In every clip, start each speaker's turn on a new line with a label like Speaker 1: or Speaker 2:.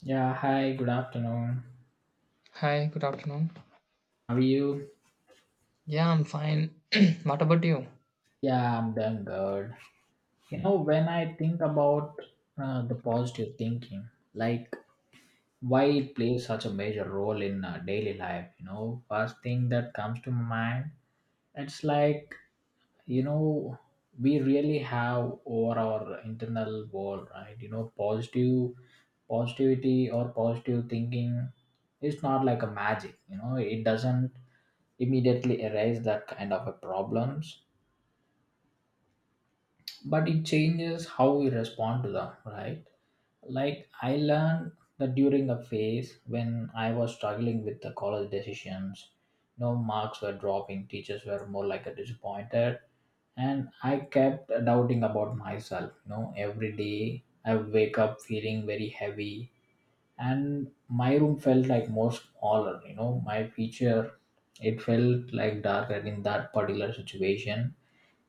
Speaker 1: Yeah, hi, good afternoon.
Speaker 2: Hi, good afternoon.
Speaker 1: How are you?
Speaker 2: Yeah, I'm fine. what about you?
Speaker 1: Yeah, I'm doing good. You know, when I think about the positive thinking, like why it plays such a major role in daily life, you know, first thing that comes to my mind, it's like, you know, we really have over our internal world, right? You know, positive positivity or positive thinking is not like a magic, you know, it doesn't immediately erase that kind of a problems, but it changes how we respond to them, right? Like, I learned that during a phase when I was struggling with the college decisions. No, marks were dropping, teachers were more like a disappointed, and I kept doubting about myself. You know, every day I would wake up feeling very heavy, and my room felt like more smaller. You know, my future, it felt like darker in that particular situation.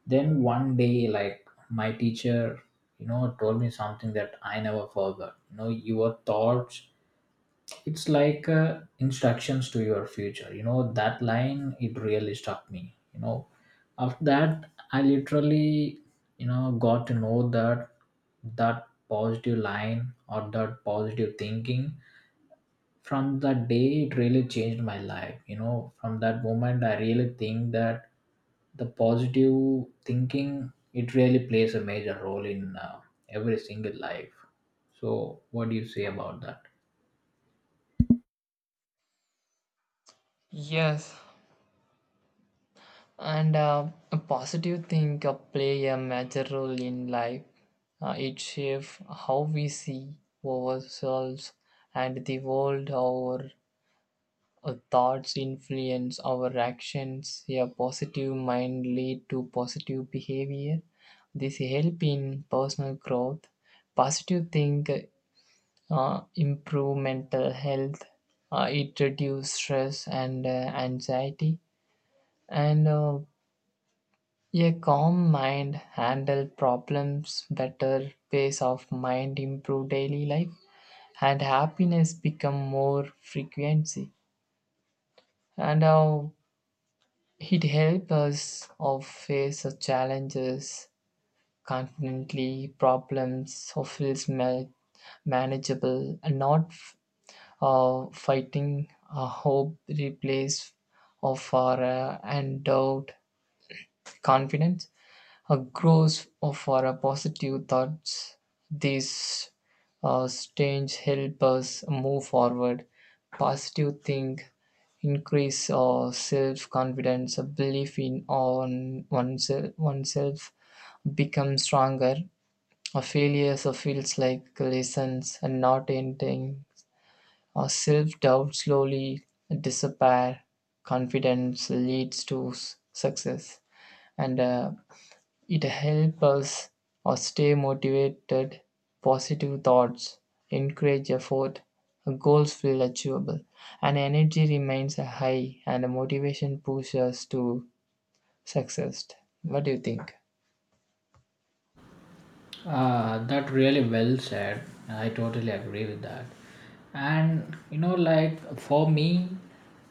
Speaker 1: Then one day, like my teacher, you know, told me something that I never forgot. You know, your thoughts, it's like instructions to your future. You know, that line, it really struck me. You know, after that, I literally, you know, got to know that that positive line or that positive thinking, from that day it really changed my life. You know, from that moment I really think that the positive thinking, it really plays a major role in every single life. So what do you say about that?
Speaker 2: Yes, and a positive thing play a major role in life. It shapes how we see ourselves and the world. Our thoughts influence our actions. A positive mind lead to positive behavior. This help in personal growth. Positive think improve mental health, it reduces stress and anxiety, and a calm mind handle problems better, pace of mind improve daily life, and happiness become more frequency. And It helps us of face the challenges confidently, problems or feels manageable and not fighting hope replace of our and doubt confidence a growth of our positive thoughts these stains help us move forward positive think increase our self-confidence a belief in on oneself, oneself becomes stronger a failure so feels like lessons and not ending our self doubt slowly disappear. Confidence leads to success, and it helps us or stay motivated. Positive thoughts encourage effort. Goals feel achievable, and energy remains high, and motivation pushes us to success. What do you think?
Speaker 1: Ah, that really well said. I totally agree with that. And you know, like for me,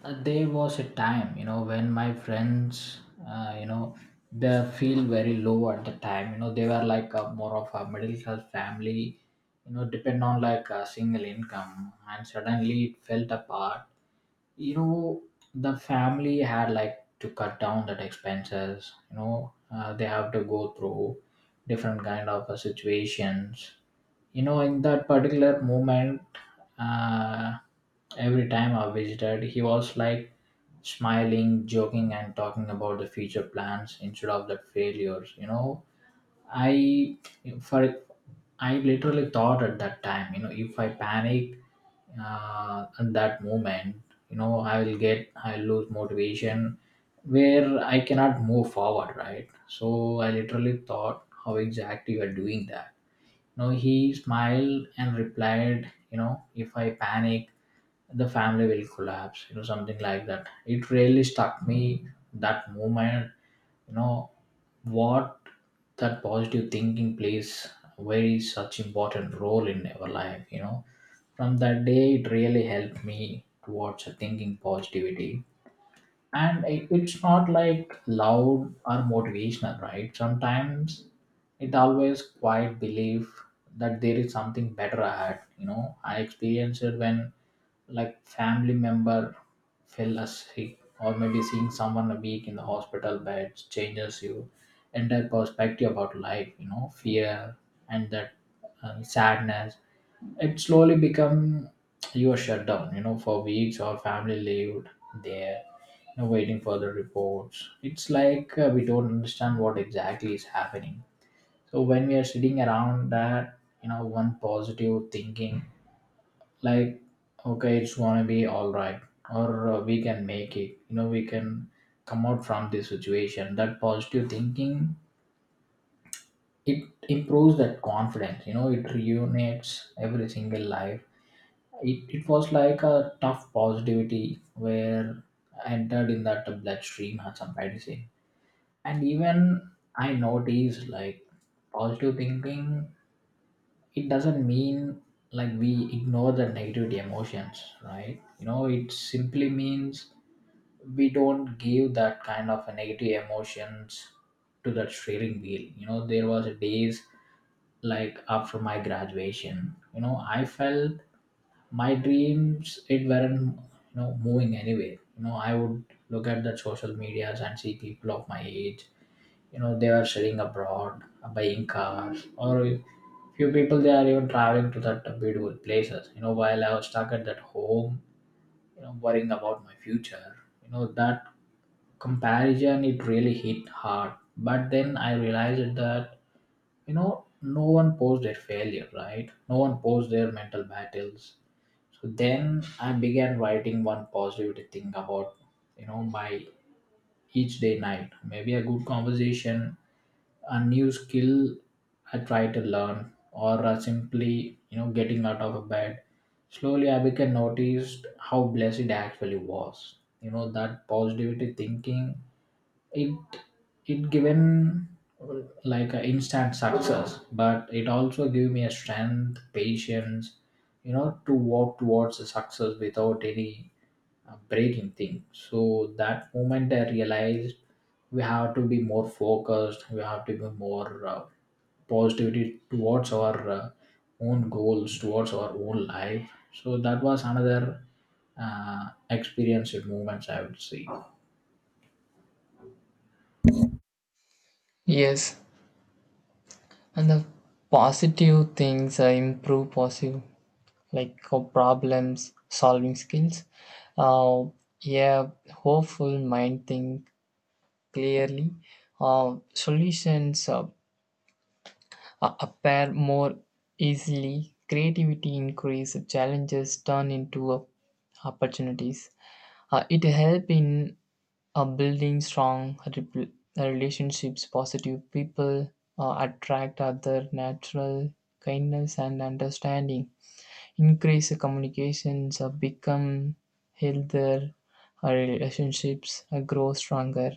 Speaker 1: there was a time, you know, when my friends, uh, you know, they feel very low at the time. You know, they were like a, more of a middle class family, you know, depend on like a single income, and suddenly it felt apart. You know, the family had like to cut down that expenses. You know, they have to go through different kind of situations. You know, in that particular moment, uh, every time I visited, he was like smiling, joking, and talking about the future plans instead of the failures. You know, I for I literally thought at that time, you know, if I panic at that moment, you know, I will get I lose motivation, where I cannot move forward, right? So I literally thought, how exactly you are doing that. You know, he smiled and replied, you know, if I panic the family will collapse, you know, something like that. It really struck me that moment. You know, what that positive thinking plays a very such important role in our life. You know, from that day it really helped me towards a thinking positivity. And it's not like loud or motivational, right? Sometimes it always quite belief that there is something better ahead. You know, I experienced it when like family member fell sick, or maybe seeing someone a week in the hospital beds changes you entire perspective about life. You know, fear and that sadness, it slowly become your shutdown. You know, for weeks our family lived there, you know, waiting for the reports. It's like we don't understand what exactly is happening. So when we are sitting around that, you know, one positive thinking, like, okay, it's gonna be all right, or we can make it. You know, we can come out from this situation. That positive thinking, it improves that confidence. You know, it reunites every single life. It was like a tough positivity where entered in that bloodstream, as somebody say. And even I notice like positive thinking, it doesn't mean like we ignore the negativity emotions, right? You know, it simply means we don't give that kind of a negative emotions to that steering wheel. You know, there was days, like after my graduation, you know, I felt my dreams, it weren't, you know, moving anywhere. You know, I would look at the social medias and see people of my age, you know, they are studying abroad, buying cars, or few people they are even traveling to that beautiful places. You know, while I was stuck at that home, you know, worrying about my future. You know, that comparison, it really hit hard. But then I realized that, you know, no one posts their failure, right? No one posts their mental battles. So then I began writing one positive thing about, you know, my each day night. Maybe a good conversation, a new skill I try to learn, or simply, you know, getting out of bed. Slowly, I became noticed how blessed it actually was. You know that positivity thinking. It it given like an instant success, but it also gave me a strength, patience. You know, to walk towards the success without any breathing thing. So that moment I realized we have to be more focused. We have to be more positivity towards our own goals, towards our own life. So that was another experience in moments, I would say.
Speaker 2: Yes, and the positive things improve positive like problems solving skills. Uh, a hopeful mind think clearly. Solutions appear more easily. Creativity increase. Challenges turn into opportunities. It help in building strong relationships. Positive people attract other natural kindness and understanding increased communications have become healthier, our relationships grow stronger,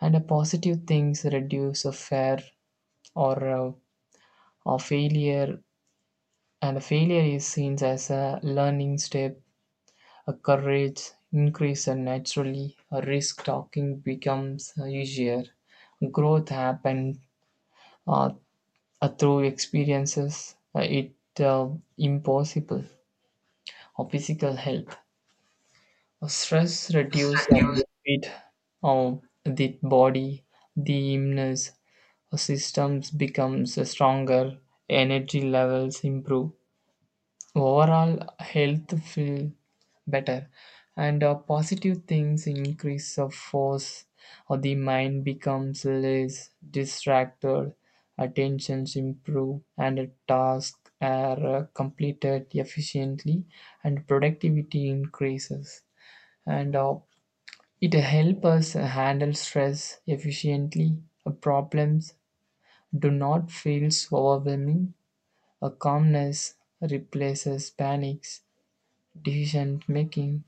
Speaker 2: and positive things reduce a fear or uh, or failure, and a failure is seen as a learning step. A courage increase and naturally, a risk talking becomes easier. Growth happens uh, through experiences. It impossible or physical health. Stress reduces the benefit of the body, the immune systems becomes stronger, energy levels improve, overall health feel better, and positive things increase of force, or the mind becomes less distracted, attentions improve, and a task are completed efficiently, and productivity increases and it helps us handle stress efficiently. Problems do not feel overwhelming. A calmness replaces panics. Decision making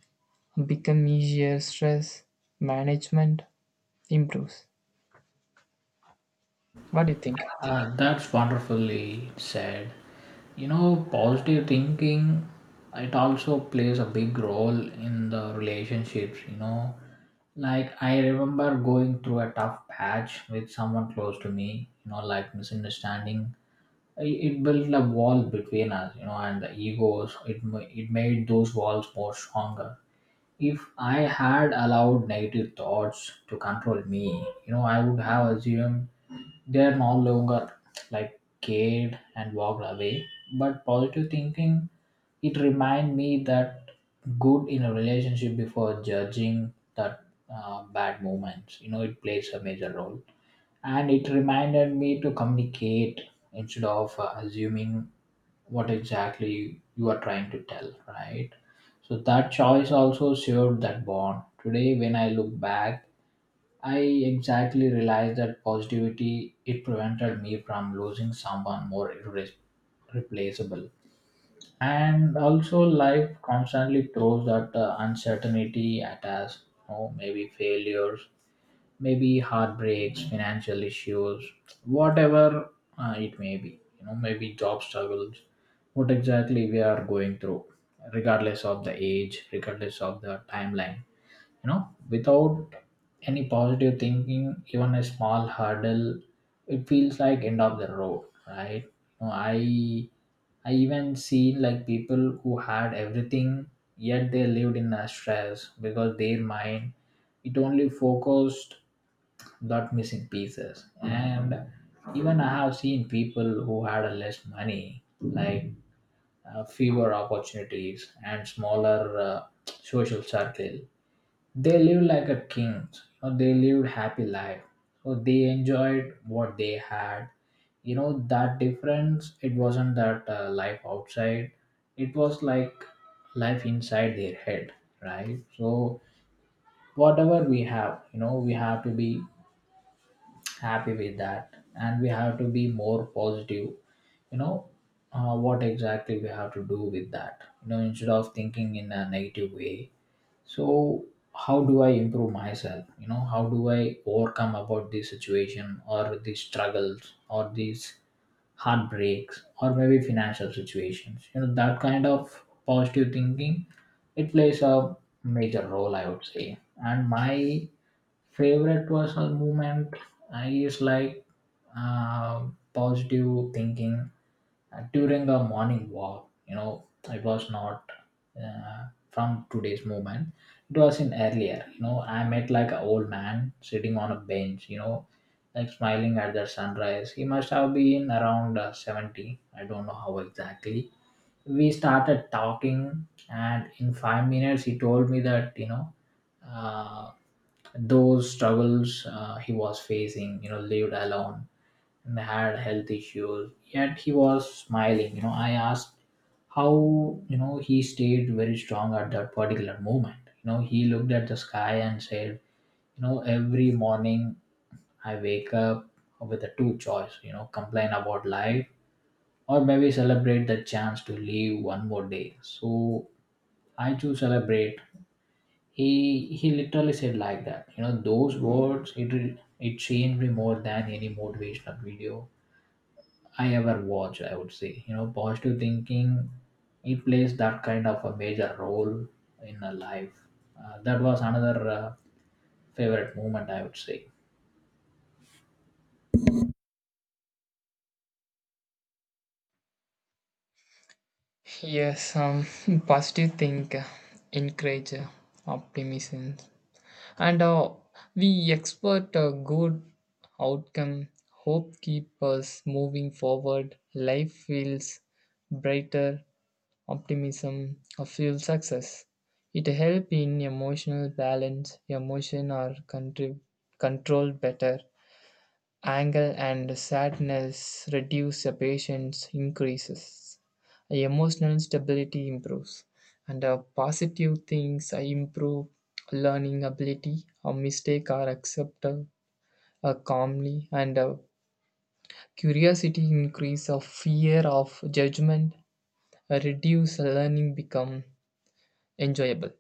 Speaker 2: becomes easier. Stress management improves. What do you think?
Speaker 1: That's wonderfully said. You know, positive thinking, it also plays a big role in the relationships, you know. Like, I remember going through a tough patch with someone close to me, you know, like misunderstanding. It built a wall between us, you know, and the egos, it made those walls more stronger. If I had allowed negative thoughts to control me, you know, I would have assumed they're no longer like cared and walked away. But positive thinking, it remind me that good in a relationship before judging that bad moments. You know, it plays a major role, and it reminded me to communicate instead of assuming what exactly you are trying to tell, right? So that choice also severed that bond. Today, when I look back, I exactly realize that positivity it prevented me from losing someone more replaceable. And also, life constantly throws that uncertainty at us. You know, maybe failures, maybe heartbreaks, financial issues, whatever it may be, you know, maybe job struggles, what exactly we are going through, regardless of the age, regardless of the timeline. You know, without any positive thinking, even a small hurdle, it feels like end of the road, right? You know, I even seen like people who had everything, yet they lived in a stress because their mind, it only focused that missing pieces. And even I have seen people who had a less money, like fewer opportunities and smaller uh, social circle. They lived like a king, or they lived happy life, so they enjoyed what they had. You know, that difference, it wasn't that life outside, it was like life inside their head, right? So, whatever we have, you know, we have to be happy with that, and we have to be more positive. You know, what exactly we have to do with that, you know, instead of thinking in a negative way. So, how do I improve myself? You know, how do I overcome about this situation, or these struggles, or these heartbreaks, or maybe financial situations. You know, that kind of positive thinking, it plays a major role, I would say. And my favorite personal movement is like, uh, positive thinking during a morning walk. You know, it was not uh, from today's movement, it was in earlier. You know, I met like an old man sitting on a bench, you know, like smiling at the sunrise. He must have been around 70. I don't know how exactly. We started talking, and in 5 minutes he told me that, you know, uh, those struggles he was facing. You know, lived alone and had health issues, yet he was smiling. You know, I asked how, you know, he stayed very strong at that particular moment. You know, he looked at the sky and said, you know, every morning I wake up with a two choice, you know, complain about life or maybe celebrate the chance to live one more day, so I choose celebrate. he he literally said like that. You know, those words, it changed me more than any motivational video I ever watch, I would say. You know, positive thinking, it plays that kind of a major role in a life. That was another favorite moment, I would say.
Speaker 2: Yes, positive think encourage optimism and we expect a good outcome hope keeps us moving forward life feels brighter optimism fuels success it helps in emotional balance emotion are controlled better. Anger and sadness reduce, the patience increases, emotional stability improves, and positive things improve learning ability. A mistake are accepted calmly, and curiosity increase. A fear of judgment reduce. Learning become enjoyable.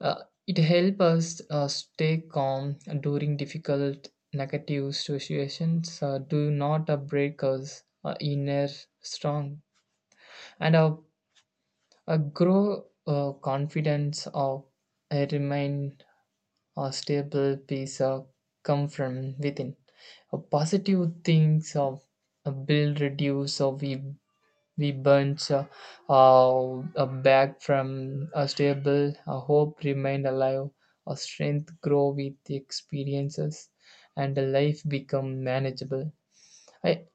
Speaker 2: It helps us stay calm during difficult negative situations, do not break us inner strong, and grow confidence of remain a stable peace come from within. Positive things of build reduce or we bunch back from a stable, a hope remained alive, a strength grow with the experiences, and a life become manageable. I,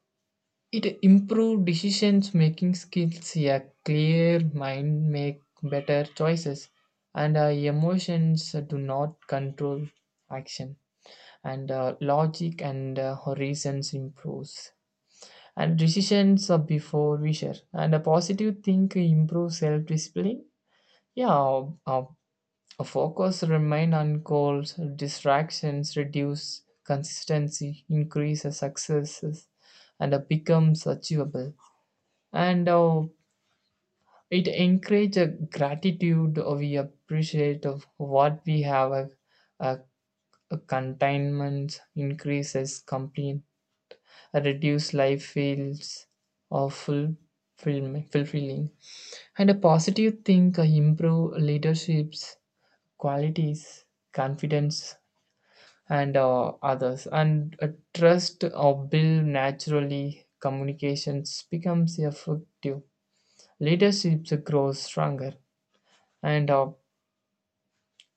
Speaker 2: it improved decisions making skills, a clear mind make better choices, and emotions do not control action, and logic and reasons improves and decisions are before we share. And a positive think improves self discipline. Yeah, a focus remain on goals, distractions reduce, consistency increases successes, and becomes achievable. And it encourages gratitude. We appreciate of what we have. Uh, Containment increases, complete, reduce life feels of full fulfilling. And a positive think improve leadership's qualities, confidence, and others. And a trust or build naturally. Communications becomes effective. Leadership grows stronger, and uh,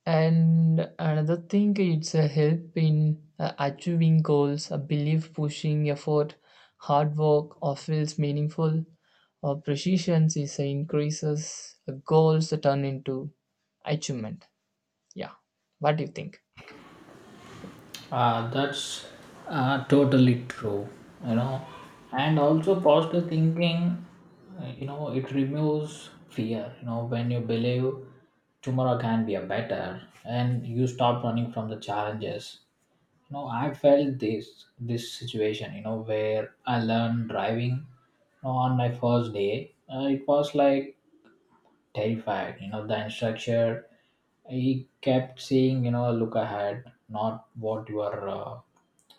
Speaker 2: And another thing, it's a help in achieving goals, a belief, pushing, effort, hard work, or feels meaningful, or precision is a increases goals turn into achievement. Yeah, what do you think?
Speaker 1: That's totally true, you know. And also, positive thinking, you know, it removes fear. When you believe tomorrow can be a better and you stop running from the challenges. I felt this situation where I learned driving, on my first day, it was like terrified. The instructor, he kept saying, look ahead, not what you are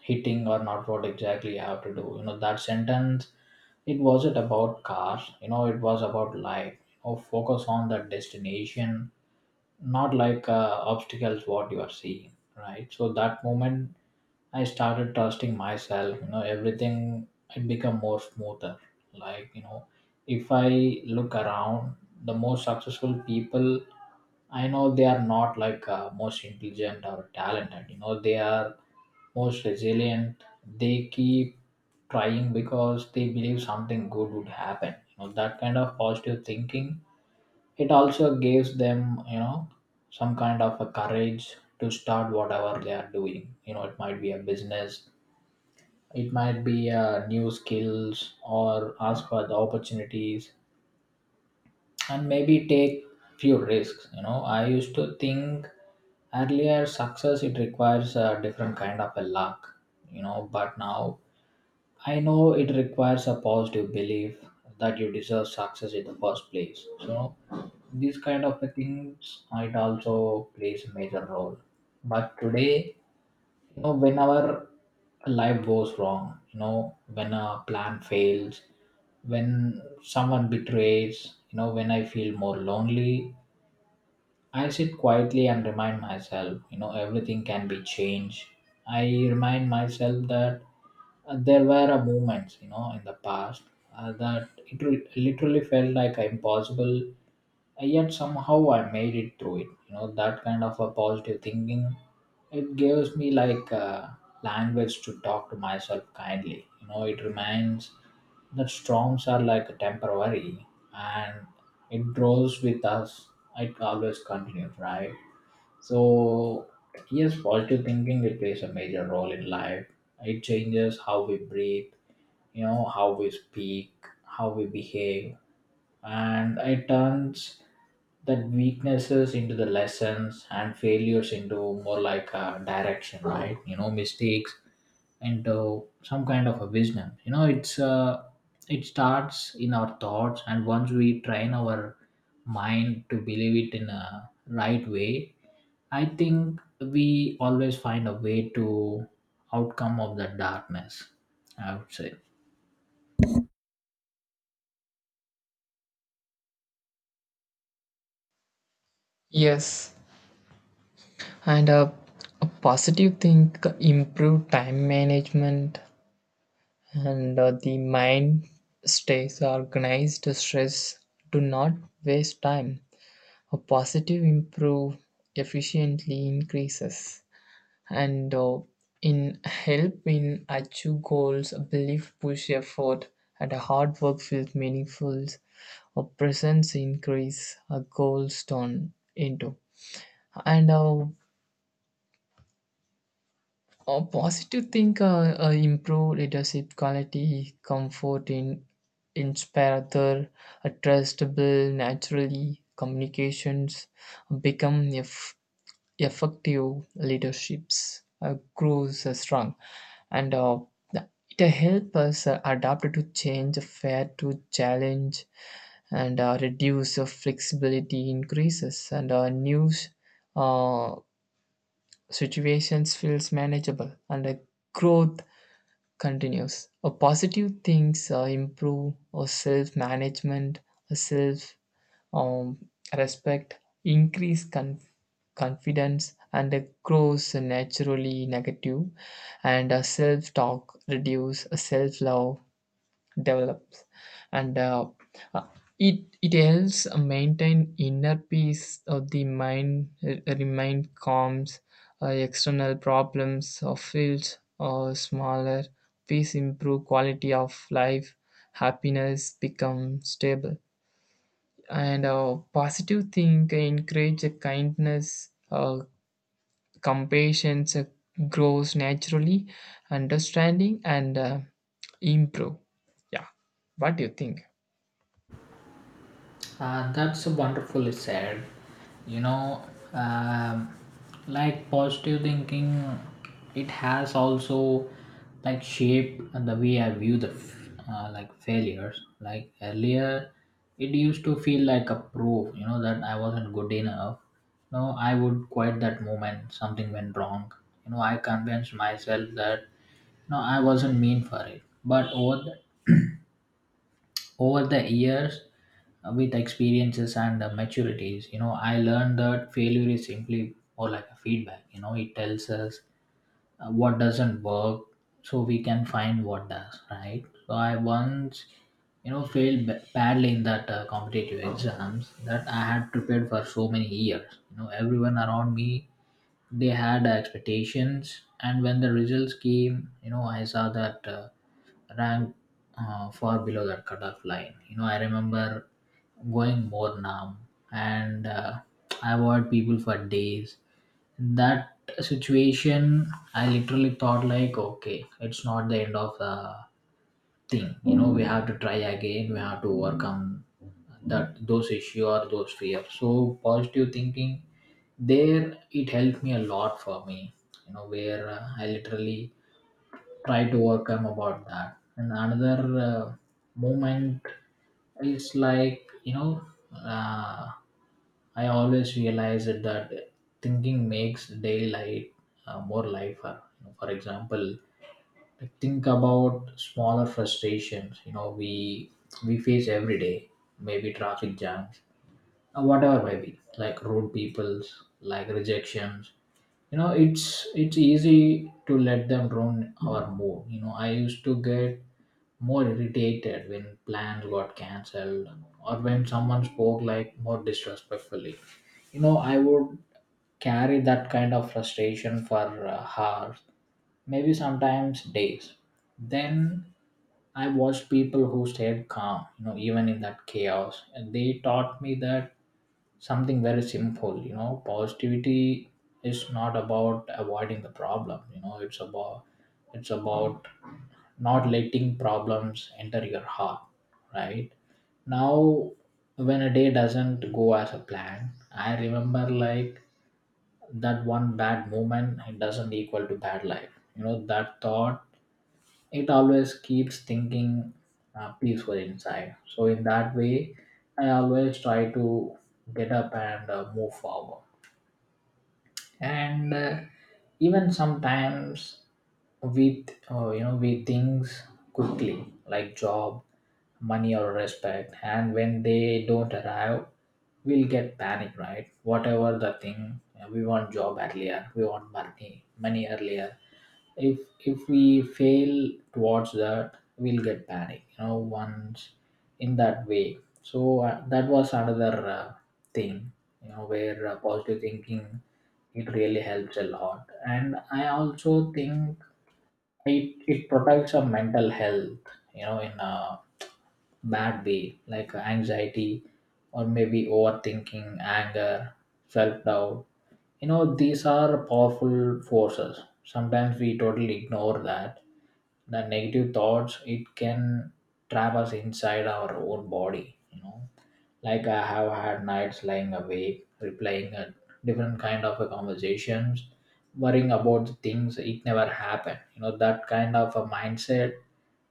Speaker 1: hitting, or not what exactly you have to do. That sentence, it wasn't about cars, it was about life. Focus on the destination, not like obstacles, what you are seeing, right? So that moment I started trusting myself, everything it become more smoother. Like, if I look around, the most successful people I know, they are not like most intelligent or talented, they are most resilient. They keep trying because they believe something good would happen. That kind of positive thinking, it also gives them, some kind of a courage to start whatever they are doing. It might be a business, it might be new skills, or ask for the opportunities and maybe take few risks. I used to think earlier success, it requires a different kind of a luck, but now I know it requires a positive belief that you deserve success in the first place. So these kind of things, it also plays a major role. But today, whenever life goes wrong, when a plan fails, when someone betrays, when I feel more lonely, I sit quietly and remind myself, everything can be changed. I remind myself that, there were a moments, in the past, that it literally felt like impossible, yet somehow I made it through it. That kind of a positive thinking, it gives me like a language to talk to myself kindly. It reminds that storms are like temporary and it grows with us. It always continues, right? So, yes, positive thinking, it plays a major role in life. It changes how we breathe, how we speak, how we behave, and it turns that weaknesses into the lessons and failures into more like a direction, right? Mistakes into some kind of a wisdom. It starts in our thoughts, and once we train our mind to believe it in a right way, I think we always find a way to outcome of the darkness, I would say.
Speaker 2: Yes, and a positive thing improve time management and the mind stays organized. Stress do not waste time a positive improve efficiently increases and in help in achieve goals a belief push effort and a hard work feels meaningful a presence increase a goals turn into and a positive think improve leadership quality comfort in inspire other a trustable naturally communications become a effective leaderships grows strong and it helps us adapt to change fair to challenge and reduce flexibility increases and new uh, situations feels manageable and growth continues positive things improve or self management self um, respect, increase confidence, and grows naturally negative, and self talk reduce, self love develops, and uh, it helps maintain inner peace of the mind, remain calm, external problems or fields or smaller. Peace improve quality of life, happiness become stable and positive think encourage a kindness compassion grows naturally understanding and improve. Yeah, what do you think?
Speaker 1: That's wonderfully said. You know, um, like positive thinking, it has also like shaped the way I view like failures. Like earlier, it used to feel like a proof. You know that I wasn't good enough. No, I would quit that moment. Something went wrong. I convinced myself that no, I wasn't mean for it. But the over the years, with experiences and maturities, I learned that failure is simply more like a feedback. It tells us what doesn't work, so we can find what does, right? So I once, failed badly in that competitive exams that I had prepared for so many years. Everyone around me, they had expectations, and when the results came, I saw that, ranked far below that cutoff line. I remember going more numb, and I avoid people for days. In that situation, I literally thought like, okay, it's not the end of the thing. We have to try again, we have to overcome that, those issue or those fears. So positive thinking, there it helped me a lot, for me, where I literally try to overcome about that. And another uh, moment is like, uh, I always realize it that thinking makes daylight more lighter. For example, like think about smaller frustrations. We face every day, maybe traffic jams, or whatever, maybe like rude peoples, like rejections. It's easy to let them ruin our mood. I used to get more irritated when plans got cancelled, or when someone spoke like more disrespectfully. I would carry that kind of frustration for hours, maybe sometimes days. Then I watched people who stayed calm, even in that chaos, and they taught me that something very simple. Positivity is not about avoiding the problem, it's about not letting problems enter your heart, right? Now, when a day doesn't go as a plan, I remember like that one bad moment, it doesn't equal to bad life. That thought, it always keeps thinking peaceful inside. So in that way, I always try to get up and move forward, and even sometimes with with things quickly, like job, money, or respect, and when they don't arrive, we'll get panic, right? Whatever the thing, we want job earlier, we want money earlier. If we fail towards that, we'll get panic, once in that way. So that was another thing, where positive thinking, it really helps a lot. And I also think it protects our mental health, in a bad way, like anxiety, or maybe overthinking, anger, self-doubt. These are powerful forces, sometimes we totally ignore that. The negative thoughts, it can trap us inside our own body. Like, I have had nights lying awake replaying a different kind of a conversations, worrying about the things it never happened. That kind of a mindset,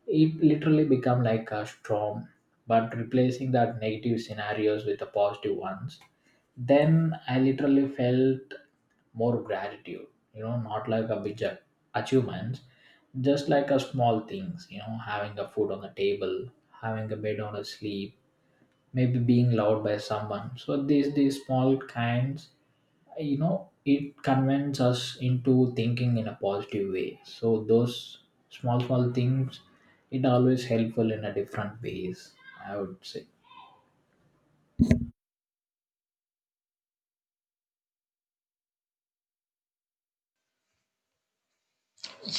Speaker 1: it literally become like a storm. But replacing that negative scenarios with the positive ones, then I literally felt more gratitude. Not like a big achievements, just like a small things. Having a food on the table, having a bed on a sleep, maybe being loved by someone. So these small kinds, it convinces us into thinking in a positive way. So those small small things, it always helpful in a different ways, I would say.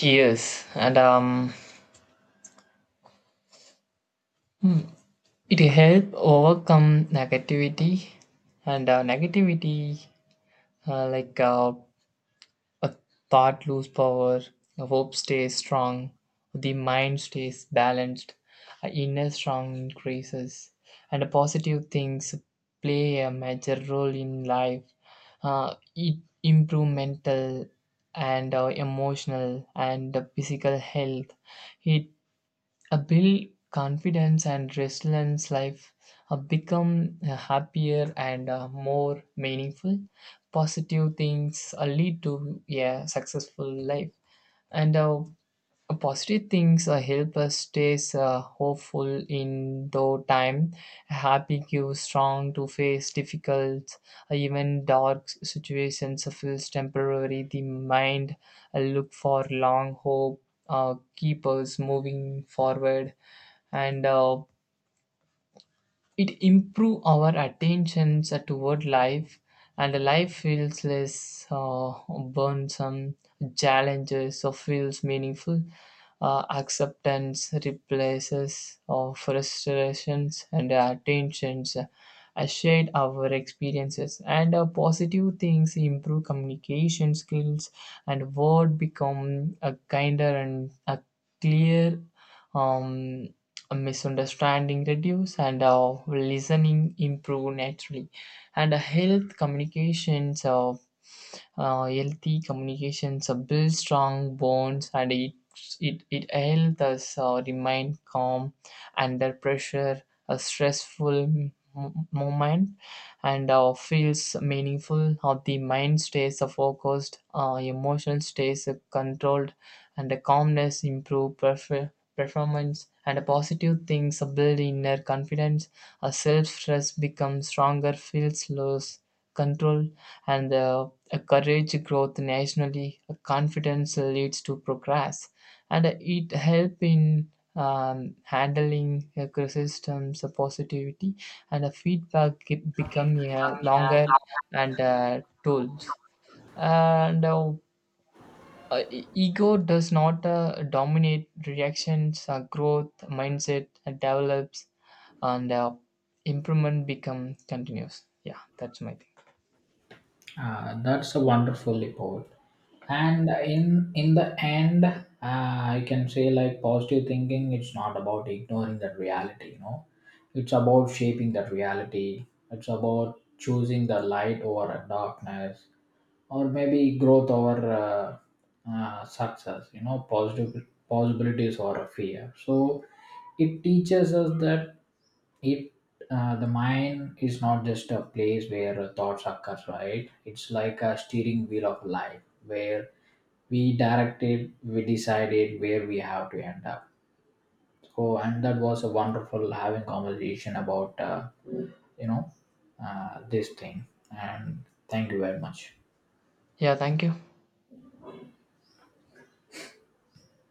Speaker 2: Yes, and it help overcome negativity and negativity like a thought lose power, a hope stays strong, the mind stays balanced, a inner strong increases, and a positive things play a major role in life. It improve mental and emotional and physical health. It a build confidence and resilience life become happier and more meaningful positive things lead to a successful life and positive things help us stay hopeful in though time. Happy gives strong to face difficult, even dark situations feels temporary. The mind look for long hope, keep us moving forward, and it improves our attentions toward life, and life feels less burdensome. Challenges or feels meaningful. Acceptance replaces our frustrations and attentions. I shared our experiences and positive things improve communication skills and word become a kinder and a clear um a misunderstanding reduce and listening improve naturally and healthy communications builds strong bonds and it helps us remain calm under pressure, a stressful moment, and feels meaningful. How the mind stays focused, emotion stays controlled, and the calmness improve performance. And the positive things build inner confidence. A self trust becomes stronger, feels lose control, and the a courage growth nationally, a confidence leads to progress, and it help in handling criticisms, positivity, and a feedback become a longer and tools. And uh, Ego does not dominate reactions. Growth mindset develops, and improvement become continuous. Yeah, that's my thing.
Speaker 1: Ah, that's a wonderful report. And in the end, I can say like positive thinking. It's not about ignoring that reality. It's about shaping that reality. It's about choosing the light over darkness, or maybe growth over success. Positive possibilities over fear. So it teaches us that it the mind is not just a place where thoughts occur, right? It's like a steering wheel of life where we decided where we have to end up. So, and that was a wonderful having conversation about, you know this thing, and thank you very much.
Speaker 2: Yeah, thank you.